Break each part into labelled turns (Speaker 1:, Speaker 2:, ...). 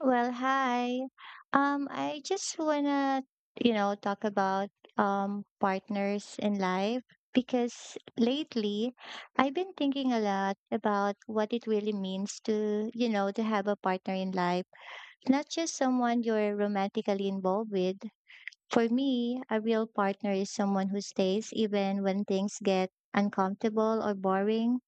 Speaker 1: Well, hi. I just wanna, talk about partners in life because lately I've been thinking a lot about what it really means to, to have a partner in life, not just someone you're romantically involved with. For me, a real partner is someone who stays even when things get uncomfortable or boring.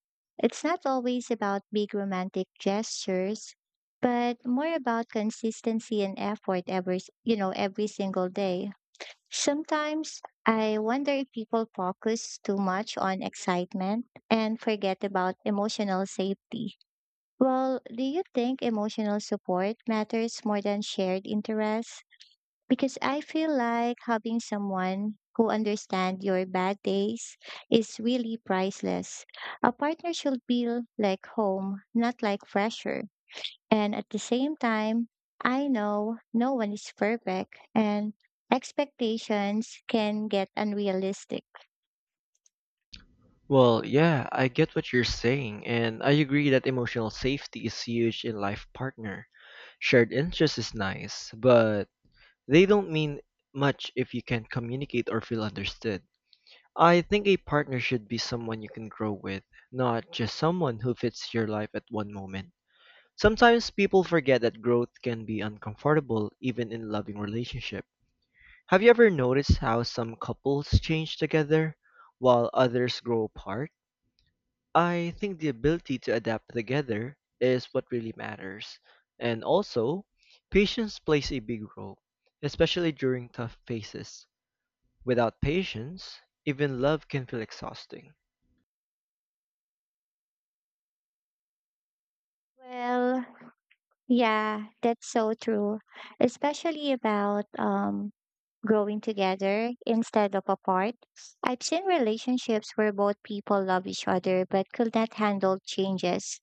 Speaker 1: It's not always about big romantic gestures, but more about consistency and effort every, s- you know, every single day. Sometimes I wonder if people focus too much on excitement and forget about emotional safety. Well, do you think emotional support matters more than shared interests? Because I feel like having someone who understands your bad days is really priceless. A partner should feel like home, not like pressure. And at the same time, I know no one is perfect and expectations can get unrealistic.
Speaker 2: Well, yeah, I get what you're saying, and I agree that emotional safety is huge in life partner. Shared interest is nice, but they don't mean much if you can't communicate or feel understood. I think a partner should be someone you can grow with, not just someone who fits your life at one moment. Sometimes people forget that growth can be uncomfortable even in loving relationship. Have you ever noticed how some couples change together while others grow apart? I think the ability to adapt together is what really matters. And also, patience plays a big role, especially during tough phases. Without patience, even love can feel exhausting.
Speaker 1: Well, yeah, that's so true, especially about growing together instead of apart. I've seen relationships where both people love each other but could not handle changes,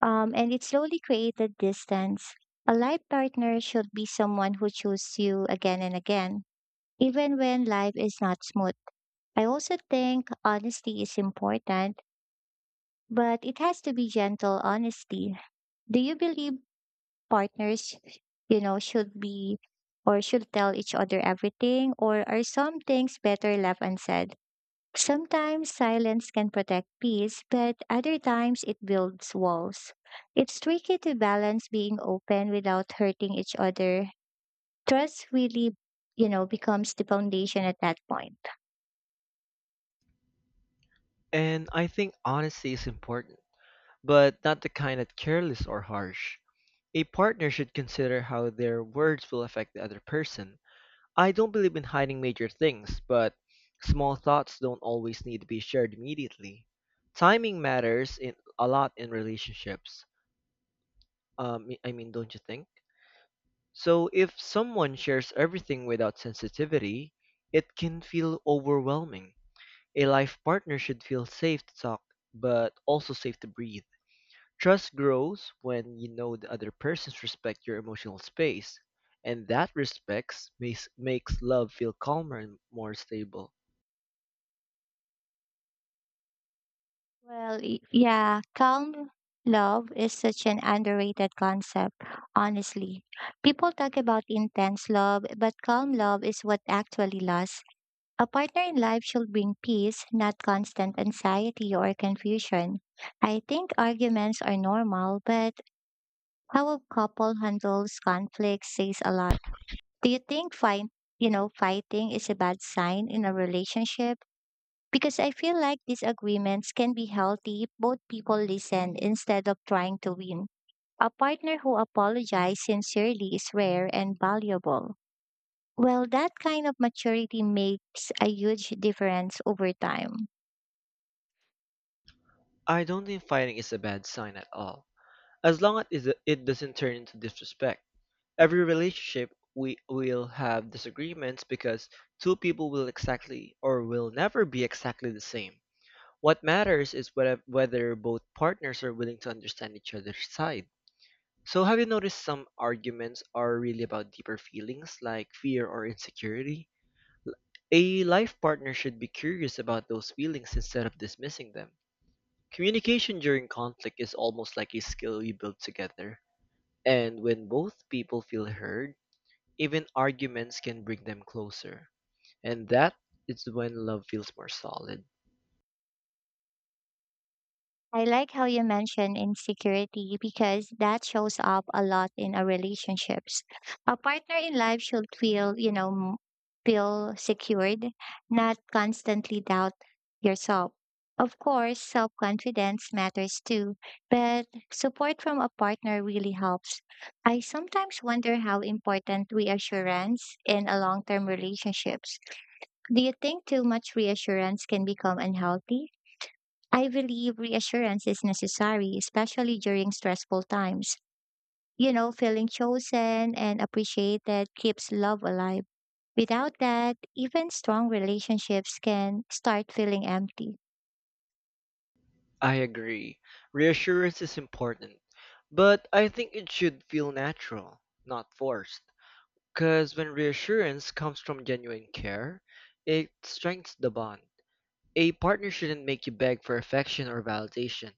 Speaker 1: and it slowly created distance. A life partner should be someone who chooses you again and again, even when life is not smooth. I also think honesty is important, but it has to be gentle honesty. Do you believe partners, should be or should tell each other everything, or are some things better left unsaid? Sometimes silence can protect peace, but other times it builds walls. It's tricky to balance being open without hurting each other. Trust really, becomes the foundation at that point.
Speaker 2: And I think honesty is important, but not the kind that's careless or harsh. A partner should consider how their words will affect the other person. I don't believe in hiding major things, but small thoughts don't always need to be shared immediately. Timing matters in, a lot in relationships. I mean, don't you think? So if someone shares everything without sensitivity, it can feel overwhelming. A life partner should feel safe to talk, but also safe to breathe. Trust grows when you know the other persons respect your emotional space, and that respect makes love feel calmer and more stable.
Speaker 1: Well, yeah, calm love is such an underrated concept, honestly. People talk about intense love, but calm love is what actually lasts. A partner in life should bring peace, not constant anxiety or confusion. I think arguments are normal, but how a couple handles conflict says a lot. Do you think fighting is a bad sign in a relationship? Because I feel like these agreements can be healthy if both people listen instead of trying to win. A partner who apologizes sincerely is rare and valuable. Well, that kind of maturity makes a huge difference over time.
Speaker 2: I don't think fighting is a bad sign at all, as long as it doesn't turn into disrespect. Every relationship we will have disagreements because two people will exactly or will never be exactly the same. What matters is whether both partners are willing to understand each other's side. So, have you noticed some arguments are really about deeper feelings like fear or insecurity? A life partner should be curious about those feelings instead of dismissing them. Communication during conflict is almost like a skill we build together. And when both people feel heard, even arguments can bring them closer. And that is when love feels more solid.
Speaker 1: I like how you mentioned insecurity because that shows up a lot in our relationships. A partner in life should feel secured, not constantly doubt yourself. Of course, self confidence matters too, but support from a partner really helps. I sometimes wonder how important reassurance in a long term relationships. Do you think too much reassurance can become unhealthy? I believe reassurance is necessary, especially during stressful times. You know, feeling chosen and appreciated keeps love alive. Without that, even strong relationships can start feeling empty.
Speaker 2: I agree. Reassurance is important. But I think it should feel natural, not forced. Because when reassurance comes from genuine care, it strengthens the bond. A partner shouldn't make you beg for affection or validation.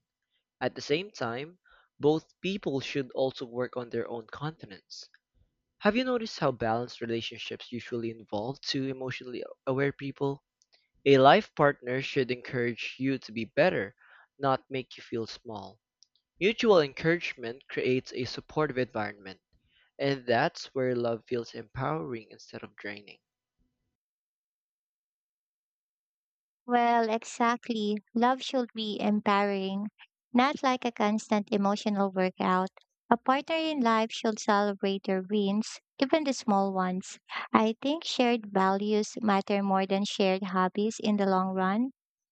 Speaker 2: At the same time, both people should also work on their own confidence. Have you noticed how balanced relationships usually involve two emotionally aware people? A life partner should encourage you to be better, not make you feel small. Mutual encouragement creates a supportive environment, and that's where love feels empowering instead of draining.
Speaker 1: Well, exactly. Love should be empowering, not like a constant emotional workout. A partner in life should celebrate your wins, even the small ones. I think shared values matter more than shared hobbies in the long run.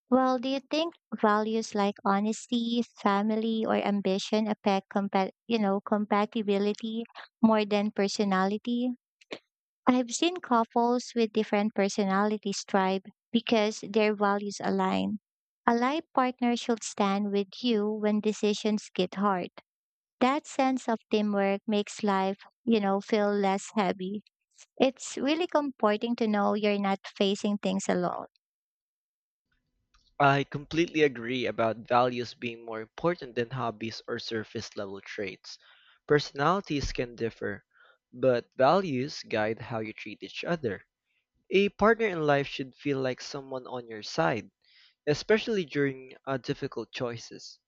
Speaker 1: Well, do you think values like honesty, family, or ambition affect compatibility more than personality? I've seen couples with different personalities thrive because their values align. A life partner should stand with you when decisions get hard. That sense of teamwork makes life, feel less heavy. It's really comforting to know you're not facing things alone.
Speaker 2: I completely agree about values being more important than hobbies or surface level traits. Personalities can differ, but values guide how you treat each other. A partner in life should feel like someone on your side, especially during difficult choices.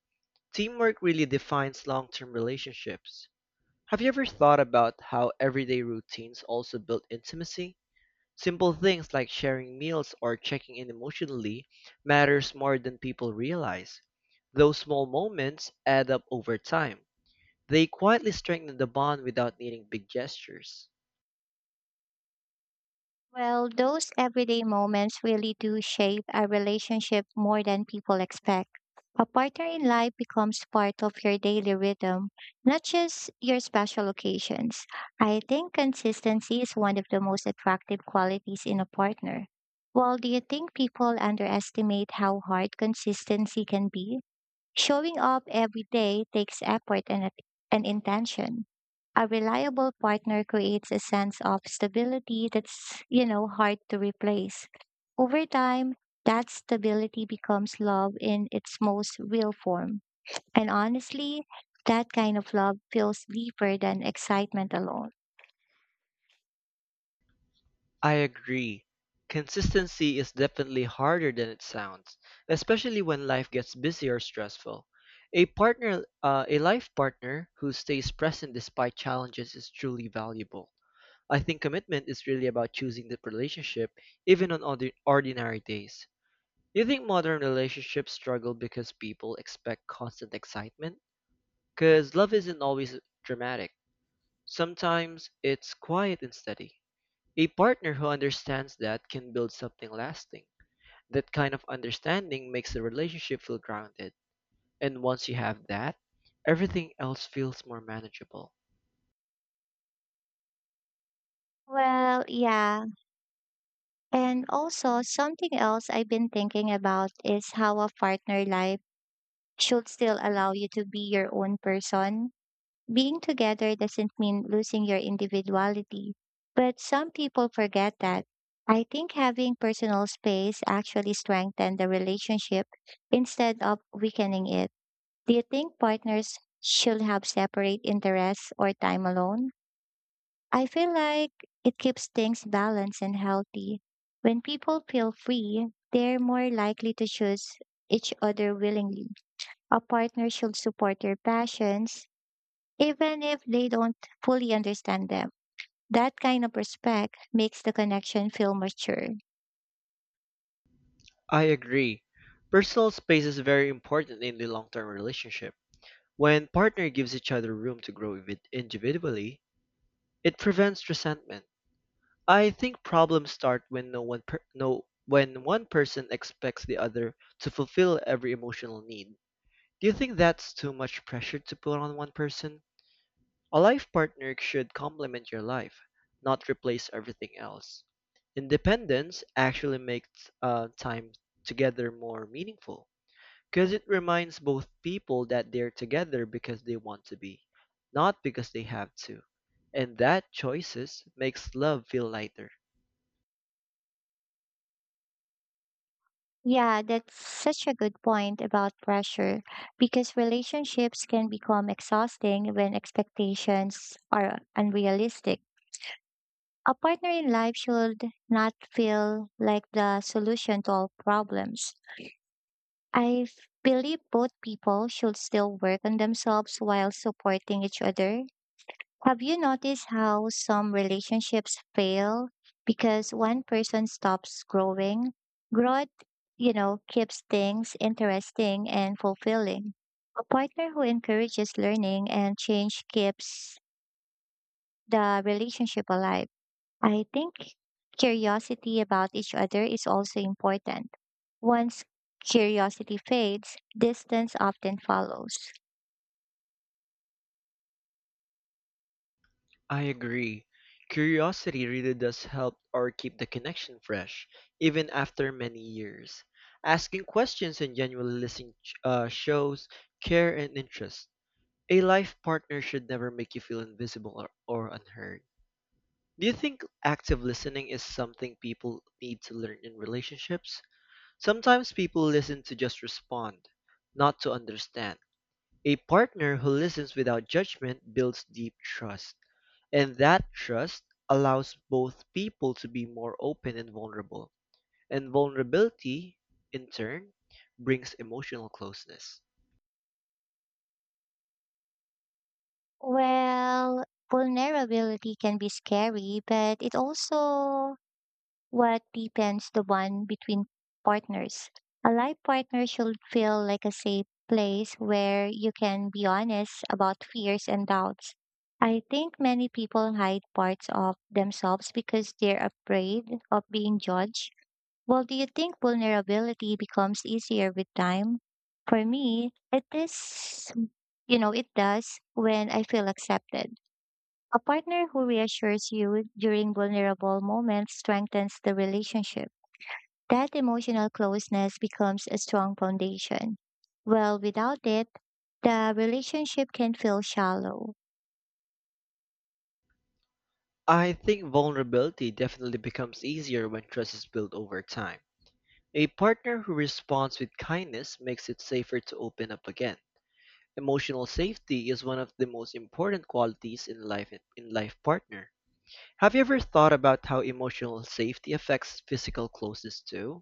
Speaker 2: Teamwork really defines long term relationships. Have you ever thought about how everyday routines also build intimacy? Simple things like sharing meals or checking in emotionally matters more than people realize. Those small moments add up over time. They quietly strengthen the bond without needing big gestures.
Speaker 1: Well, those everyday moments really do shape a relationship more than people expect. A partner in life becomes part of your daily rhythm, not just your special occasions. I think consistency is one of the most attractive qualities in a partner. Well, do you think people underestimate how hard consistency can be? Showing up every day takes effort and intention. A reliable partner creates a sense of stability that's, hard to replace. Over time, that stability becomes love in its most real form. And honestly, that kind of love feels deeper than excitement alone.
Speaker 2: I agree. Consistency is definitely harder than it sounds, especially when life gets busy or stressful. A partner, a life partner who stays present despite challenges is truly valuable. I think commitment is really about choosing the relationship even on ordinary days. Do you think modern relationships struggle because people expect constant excitement? Because love isn't always dramatic. Sometimes it's quiet and steady. A partner who understands that can build something lasting. That kind of understanding makes the relationship feel grounded. And once you have that, everything else feels more manageable.
Speaker 1: Well, yeah. And also, something else I've been thinking about is how a partner life should still allow you to be your own person. Being together doesn't mean losing your individuality, but some people forget that. I think having personal space actually strengthens the relationship instead of weakening it. Do you think partners should have separate interests or time alone? I feel like it keeps things balanced and healthy. When people feel free, they're more likely to choose each other willingly. A partner should support your passions even if they don't fully understand them. That kind of respect makes the connection feel mature.
Speaker 2: I agree. Personal space is very important in the long term relationship. When partner gives each other room to individually, it prevents resentment. I think problems start when no one per- no when one person expects the other to fulfill every emotional need. Do you think that's too much pressure to put on one person? A life partner should complement your life, not replace everything else. Independence actually makes time together more meaningful. 'Cause it reminds both people that they're together because they want to be, not because they have to. And that choices makes love feel lighter.
Speaker 1: Yeah, that's such a good point about pressure because relationships can become exhausting when expectations are unrealistic. A partner in life should not feel like the solution to all problems. I f- believe both people should still work on themselves while supporting each other. Have you noticed how some relationships fail because one person stops growing? Growth, keeps things interesting and fulfilling. A partner who encourages learning and change keeps the relationship alive. I think curiosity about each other is also important. Once curiosity fades, distance often follows.
Speaker 2: I agree. Curiosity really does help or keep the connection fresh, even after many years. Asking questions and genuinely listening shows care and interest. A life partner should never make you feel invisible or unheard. Do you think active listening is something people need to learn in relationships? Sometimes people listen to just respond, not to understand. A partner who listens without judgment builds deep trust, and that trust allows both people to be more open and vulnerable. And vulnerability, in turn, brings emotional closeness.
Speaker 1: Well, vulnerability can be scary, but it also what deepens the bond between partners. A life partner should feel like a safe place where you can be honest about fears and doubts. I think many people hide parts of themselves because they're afraid of being judged. Well, do you think vulnerability becomes easier with time? For me, it is, it does when I feel accepted. A partner who reassures you during vulnerable moments strengthens the relationship. That emotional closeness becomes a strong foundation. Well, without it, the relationship can feel shallow.
Speaker 2: I think vulnerability definitely becomes easier when trust is built over time. A partner who responds with kindness makes it safer to open up again. Emotional safety is one of the most important qualities in life partner. Have you ever thought about how emotional safety affects physical closeness too?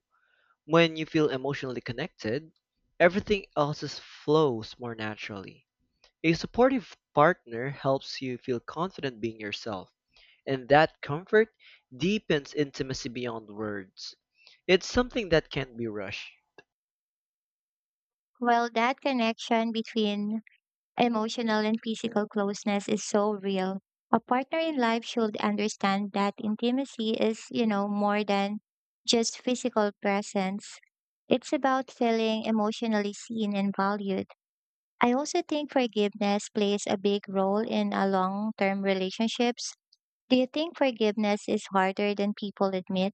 Speaker 2: When you feel emotionally connected, flows more naturally. A supportive partner helps you feel confident being yourself, and that comfort deepens intimacy beyond words. It's something that can't be rushed.
Speaker 1: Well, that connection between emotional and physical closeness is so real. A partner in life should understand that intimacy is, more than just physical presence. It's about feeling emotionally seen and valued. I also think forgiveness plays a big role in a long-term relationships. Do you think forgiveness is harder than people admit?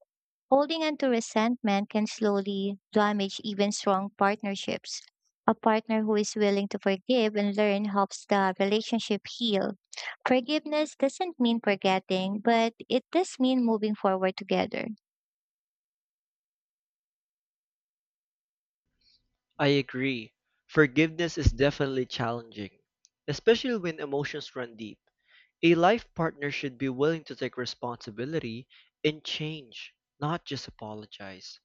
Speaker 1: Holding on to resentment can slowly damage even strong partnerships. A partner who is willing to forgive and learn helps the relationship heal. Forgiveness doesn't mean forgetting, but it does mean moving forward together.
Speaker 2: I agree. Forgiveness is definitely challenging, especially when emotions run deep. A life partner should be willing to take responsibility and change, not just apologize.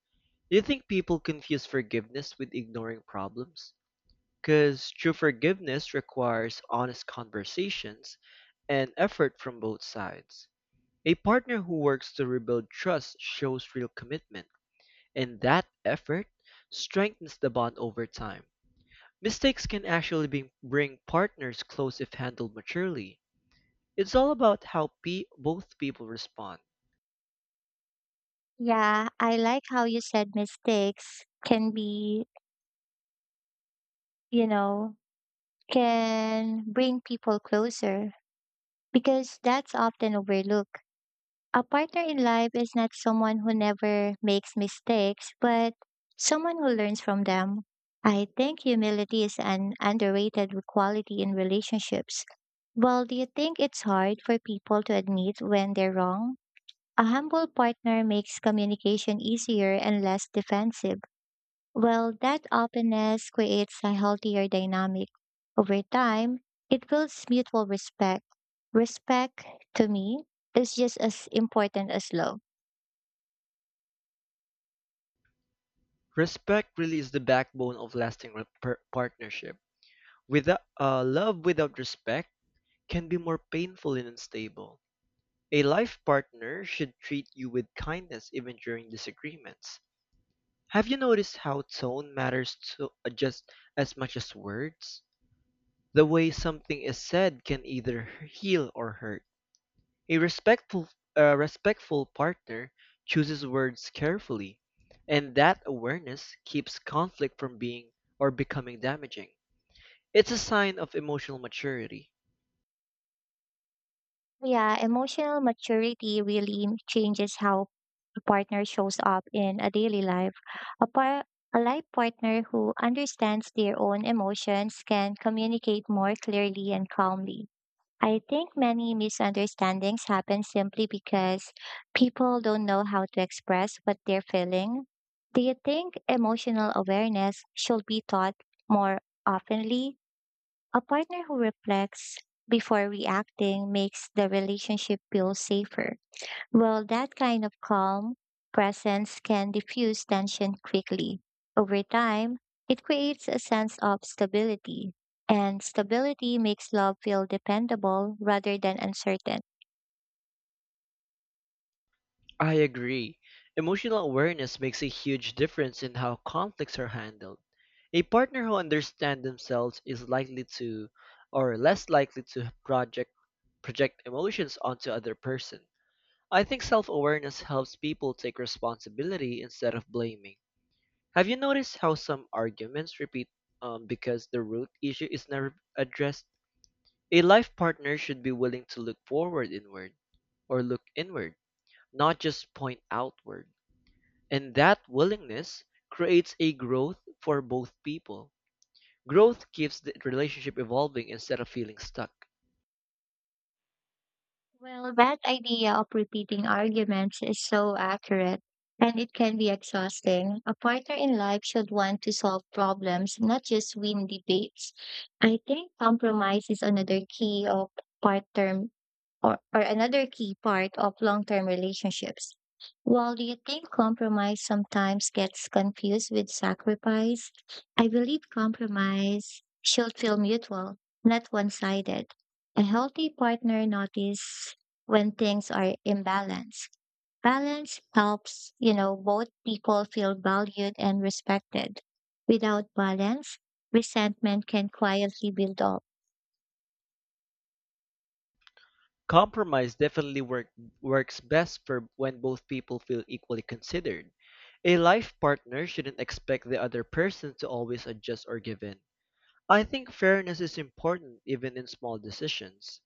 Speaker 2: Do you think people confuse forgiveness with ignoring problems? Because true forgiveness requires honest conversations and effort from both sides. A partner who works to rebuild trust shows real commitment, and that effort strengthens the bond over time. Mistakes can bring partners close if handled maturely. It's all about how both people respond.
Speaker 1: Yeah, I like how you said mistakes can be, you know, can bring people closer because that's often overlooked. A partner in life is not someone who never makes mistakes, but someone who learns from them. I think humility is an underrated quality in relationships. Well, do you think it's hard for people to admit when they're wrong? A humble partner makes communication easier and less defensive. Well, that openness creates a healthier dynamic. Over time, it builds mutual respect. Respect, to me, is just as important as love.
Speaker 2: Respect really is the backbone of lasting partnership. Without love without respect can be more painful and unstable. A life partner should treat you with kindness even during disagreements. Have you noticed how tone matters just as much as words? The way something is said can either heal or hurt. A respectful a respectful partner chooses words carefully, and that awareness keeps conflict from being or becoming damaging. It's a sign of emotional maturity.
Speaker 1: Yeah, emotional maturity changes how a partner shows up in a daily life. A, par- a life partner who understands their own emotions can communicate more clearly and calmly. I think many misunderstandings happen simply because people don't know how to express what they're feeling. Do you think emotional awareness should be taught more oftenly? A partner who reflects before reacting makes the relationship feel safer. Well, that kind of calm presence can diffuse tension quickly. Over time, it creates a sense of stability, and stability makes love feel dependable rather than uncertain.
Speaker 2: I agree. Emotional awareness makes a huge difference in how conflicts are handled. A partner who understands themselves is likely to or less likely to project emotions onto other person. I think self-awareness helps people take responsibility instead of blaming. Have you noticed how some arguments repeat because the root issue is never addressed? A life partner should be willing to look inward, not just point outward. And that willingness creates a growth for both people. Growth keeps the relationship evolving instead of feeling stuck.
Speaker 1: Well, that idea of repeating arguments is so accurate, and it can be exhausting. A partner in life should want to solve problems, not just win debates. I think compromise is another key of partner or another key part of long term relationships. While do you think compromise sometimes gets confused with sacrifice? I believe compromise should feel mutual, not one sided. A healthy partner notices when things are imbalanced. Balance helps, both people feel valued and respected. Without balance, resentment can quietly build up.
Speaker 2: Compromise definitely work, works best for when both people feel equally considered. A life partner shouldn't expect the other person to always adjust or give in. I think fairness is important even in small decisions.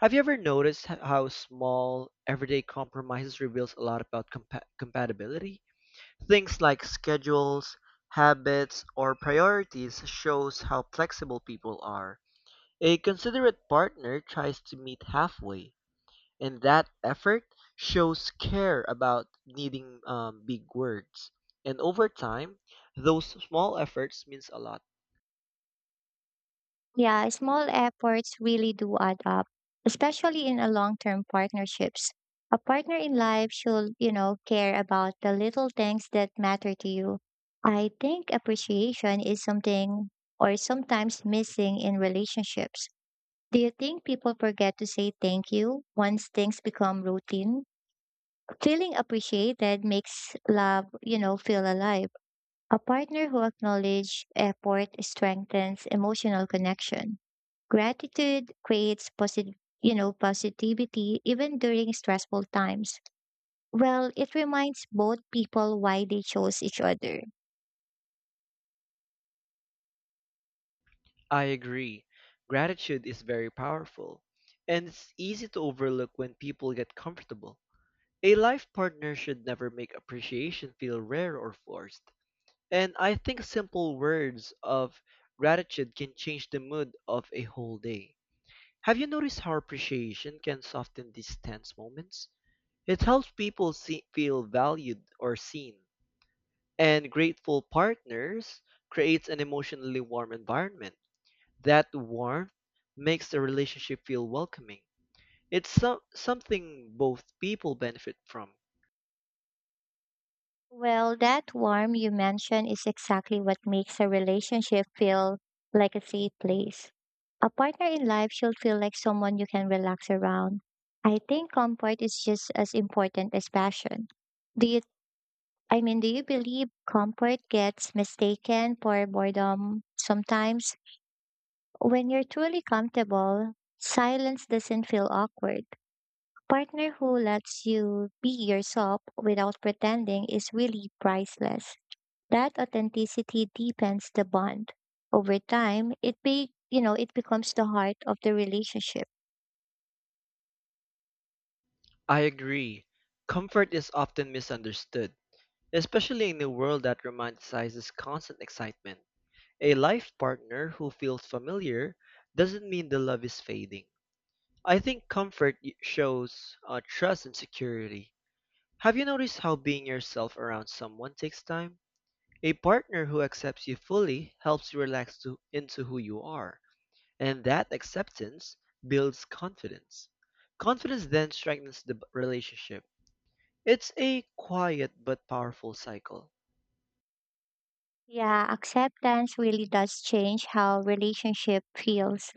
Speaker 2: Have you ever noticed how small everyday compromises reveals a lot about compatibility? Things like schedules, habits, or priorities shows how flexible people are. A considerate partner tries to meet halfway, and that effort shows care about needing big words. And over time, those small efforts means a lot.
Speaker 1: Yeah, small efforts really do add up, especially in a long-term partnerships. A partner in life should, care about the little things that matter to you. I think appreciation is something or sometimes missing in relationships. Do you think people forget to say thank you once things become routine? Feeling appreciated makes love, feel alive. A partner who acknowledges effort strengthens emotional connection. Gratitude creates positivity even during stressful times. Well, it reminds both people why they chose each other.
Speaker 2: I agree. Gratitude is very powerful, and it's easy to overlook when people get comfortable. A life partner should never make appreciation feel rare or forced. And I think simple words of gratitude can change the mood of a whole day. Have you noticed how appreciation can soften these tense moments? It helps people feel valued or seen. And grateful partners creates an emotionally warm environment. That warmth makes the relationship feel welcoming. It's something both people benefit from.
Speaker 1: Well, that warmth you mentioned is exactly what makes a relationship feel like a safe place. A partner in life should feel like someone you can relax around. I think comfort is just as important as passion. Do you, do you believe comfort gets mistaken for boredom sometimes? When you're truly comfortable, silence doesn't feel awkward. A partner who lets you be yourself without pretending is really priceless. That authenticity deepens the bond. Over time, it be you know, it becomes the heart of the relationship.
Speaker 2: I agree. Comfort is often misunderstood, especially in a world that romanticizes constant excitement. A life partner who feels familiar doesn't mean the love is fading. I think comfort shows trust and security. Have you noticed how being yourself around someone takes time? A partner who accepts you fully helps you into who you are. And that acceptance builds confidence. Confidence then strengthens the relationship. It's a quiet but powerful cycle.
Speaker 1: Yeah, acceptance really does change how relationship feels.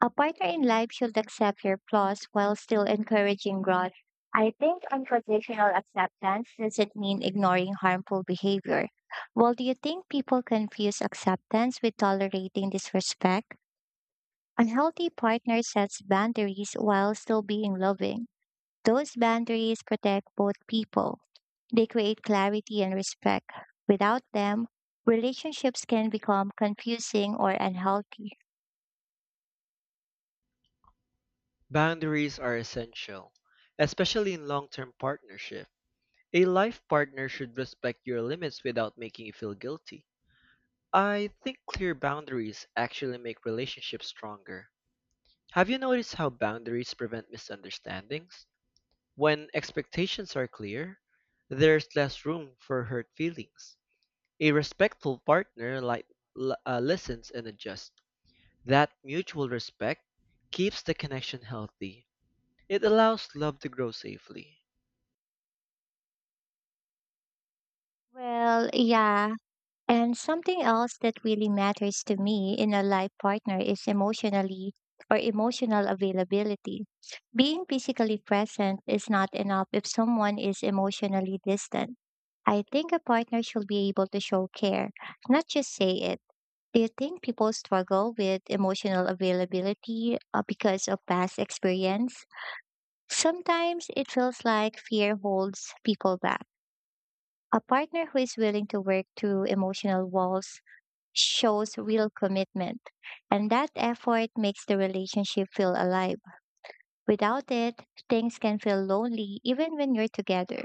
Speaker 1: A partner in life should accept your flaws while still encouraging growth. I think unconditional acceptance doesn't mean ignoring harmful behavior. Well, do you think people confuse acceptance with tolerating disrespect? Unhealthy partner sets boundaries while still being loving. Those boundaries protect both people. They create clarity and respect. Without them, relationships can become confusing or unhealthy.
Speaker 2: Boundaries are essential, especially in long term partnership. A life partner should respect your limits without making you feel guilty. I think clear boundaries actually make relationships stronger. Have you noticed how boundaries prevent misunderstandings? When expectations are clear, there's less room for hurt feelings. A respectful partner listens and adjusts. That mutual respect keeps the connection healthy. It allows love to grow safely.
Speaker 1: Well, yeah, and something else that really matters to me in a life partner is emotionally or emotional availability. Being physically present is not enough if someone is emotionally distant. I think a partner should be able to show care, not just say it. Do you think people struggle with emotional availability because of past experience? Sometimes it feels like fear holds people back. A partner who is willing to work through emotional walls shows real commitment. And that effort makes the relationship feel alive. Without it, things can feel lonely even when you're together.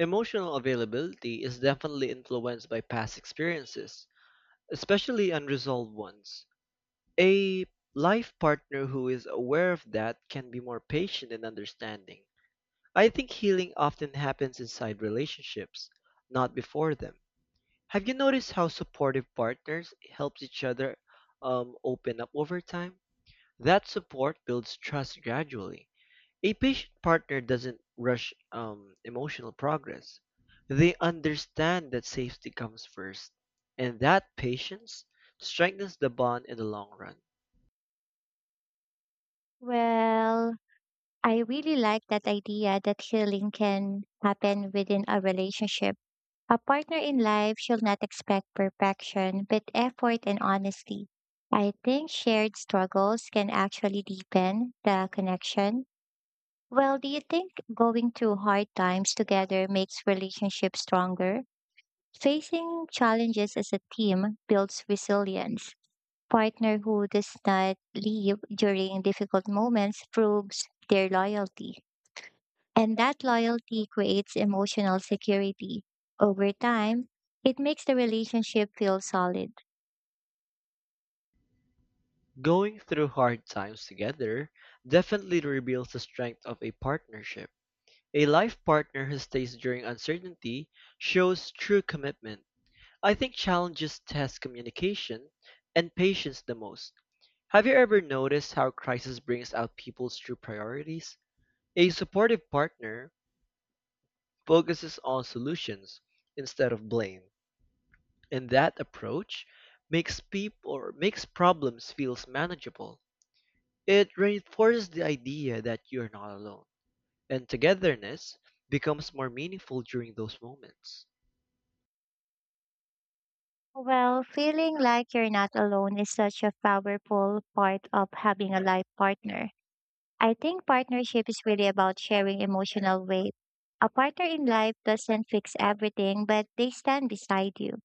Speaker 2: Emotional availability is definitely influenced by past experiences, especially unresolved ones. A life partner who is aware of that can be more patient and understanding. I think healing often happens inside relationships, not before them. Have you noticed how supportive partners helps each other open up over time? That support builds trust gradually. A patient partner doesn't rush emotional progress. They understand that safety comes first, and that patience strengthens the bond in the long run.
Speaker 1: Well, I really like that idea that healing can happen within a relationship. A partner in life should not expect perfection, but effort and honesty. I think shared struggles can actually deepen the connection. Well, do you think going through hard times together makes relationships stronger? Facing challenges as a team builds resilience. Partner who does not leave during difficult moments proves their loyalty. And that loyalty creates emotional security. Over time, it makes the relationship feel solid.
Speaker 2: Going through hard times together definitely reveals the strength of a partnership. A life partner who stays during uncertainty shows true commitment. I think challenges test communication and patience the most. Have you ever noticed how crisis brings out people's true priorities? A supportive partner focuses on solutions instead of blame, and that approach makes people or makes problems feel manageable. It reinforces the idea that you're not alone, and togetherness becomes more meaningful during those moments.
Speaker 1: Well, feeling like you're not alone is such a powerful part of having a life partner. I think partnership is really about sharing emotional weight. A partner in life doesn't fix everything, but they stand beside you.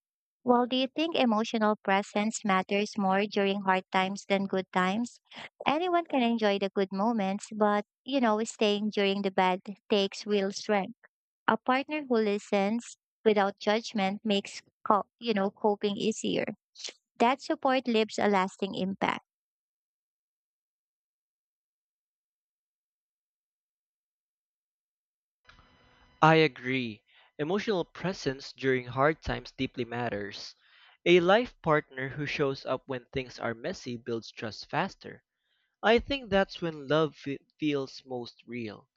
Speaker 1: Well, do you think emotional presence matters more during hard times than good times? Anyone can enjoy the good moments, but, staying during the bad takes real strength. A partner who listens without judgment makes, coping easier. That support leaves a lasting impact.
Speaker 2: I agree. Emotional presence during hard times deeply matters. A life partner who shows up when things are messy builds trust faster. I think that's when love feels most real.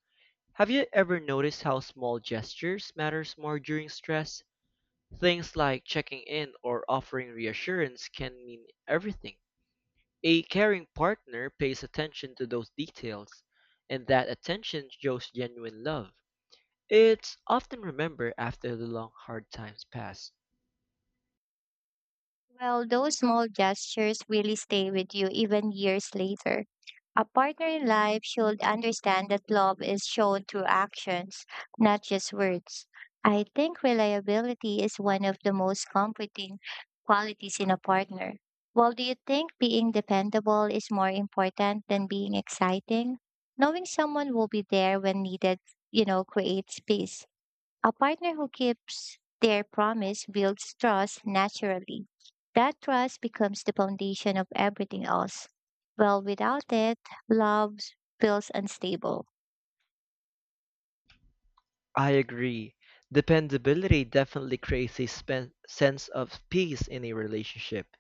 Speaker 2: Have you ever noticed how small gestures matters more during stress? Things like checking in or offering reassurance can mean everything. A caring partner pays attention to those details, and that attention shows genuine love. It's often remembered after the long, hard times pass.
Speaker 1: Well, those small gestures really stay with you even years later. A partner in life should understand that love is shown through actions, not just words. I think reliability is one of the most comforting qualities in a partner. Well, do you think being dependable is more important than being exciting? Knowing someone will be there when needed, creates peace. A partner who keeps their promise builds trust naturally. That trust becomes the foundation of everything else. Well, without it, love feels unstable.
Speaker 2: I agree. Dependability definitely creates a sense of peace in a relationship.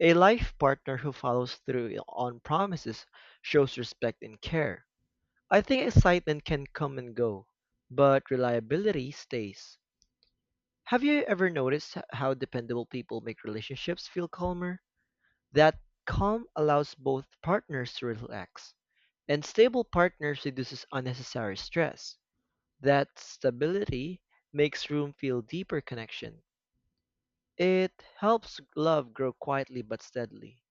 Speaker 2: A life partner who follows through on promises shows respect and care. I think excitement can come and go, but reliability stays. Have you ever noticed how dependable people make relationships feel calmer? That calm allows both partners to relax, and stable partners reduces unnecessary stress. That stability makes room feel deeper connection. It helps love grow quietly but steadily.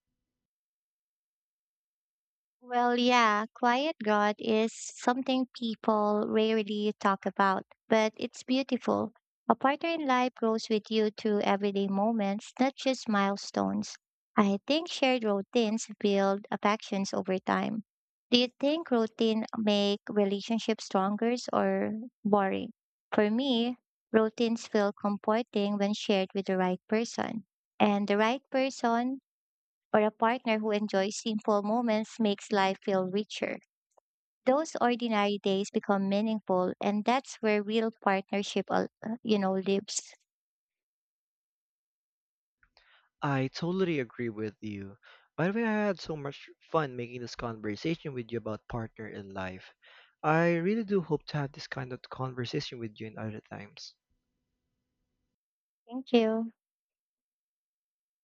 Speaker 1: Well, yeah, quiet God is something people rarely talk about, but it's beautiful. A partner in life grows with you through everyday moments, not just milestones. I think shared routines build affections over time. Do you think routine make relationships stronger or boring? For me, routines feel comforting when shared with the right person. And the right person or a partner who enjoys simple moments makes life feel richer. Those ordinary days become meaningful, and that's where real partnership, al- you know, lives.
Speaker 2: I totally agree with you. By the way, I had so much fun making this conversation with you about partner in life. I really do hope to have this kind of conversation with you in other times.
Speaker 1: Thank you.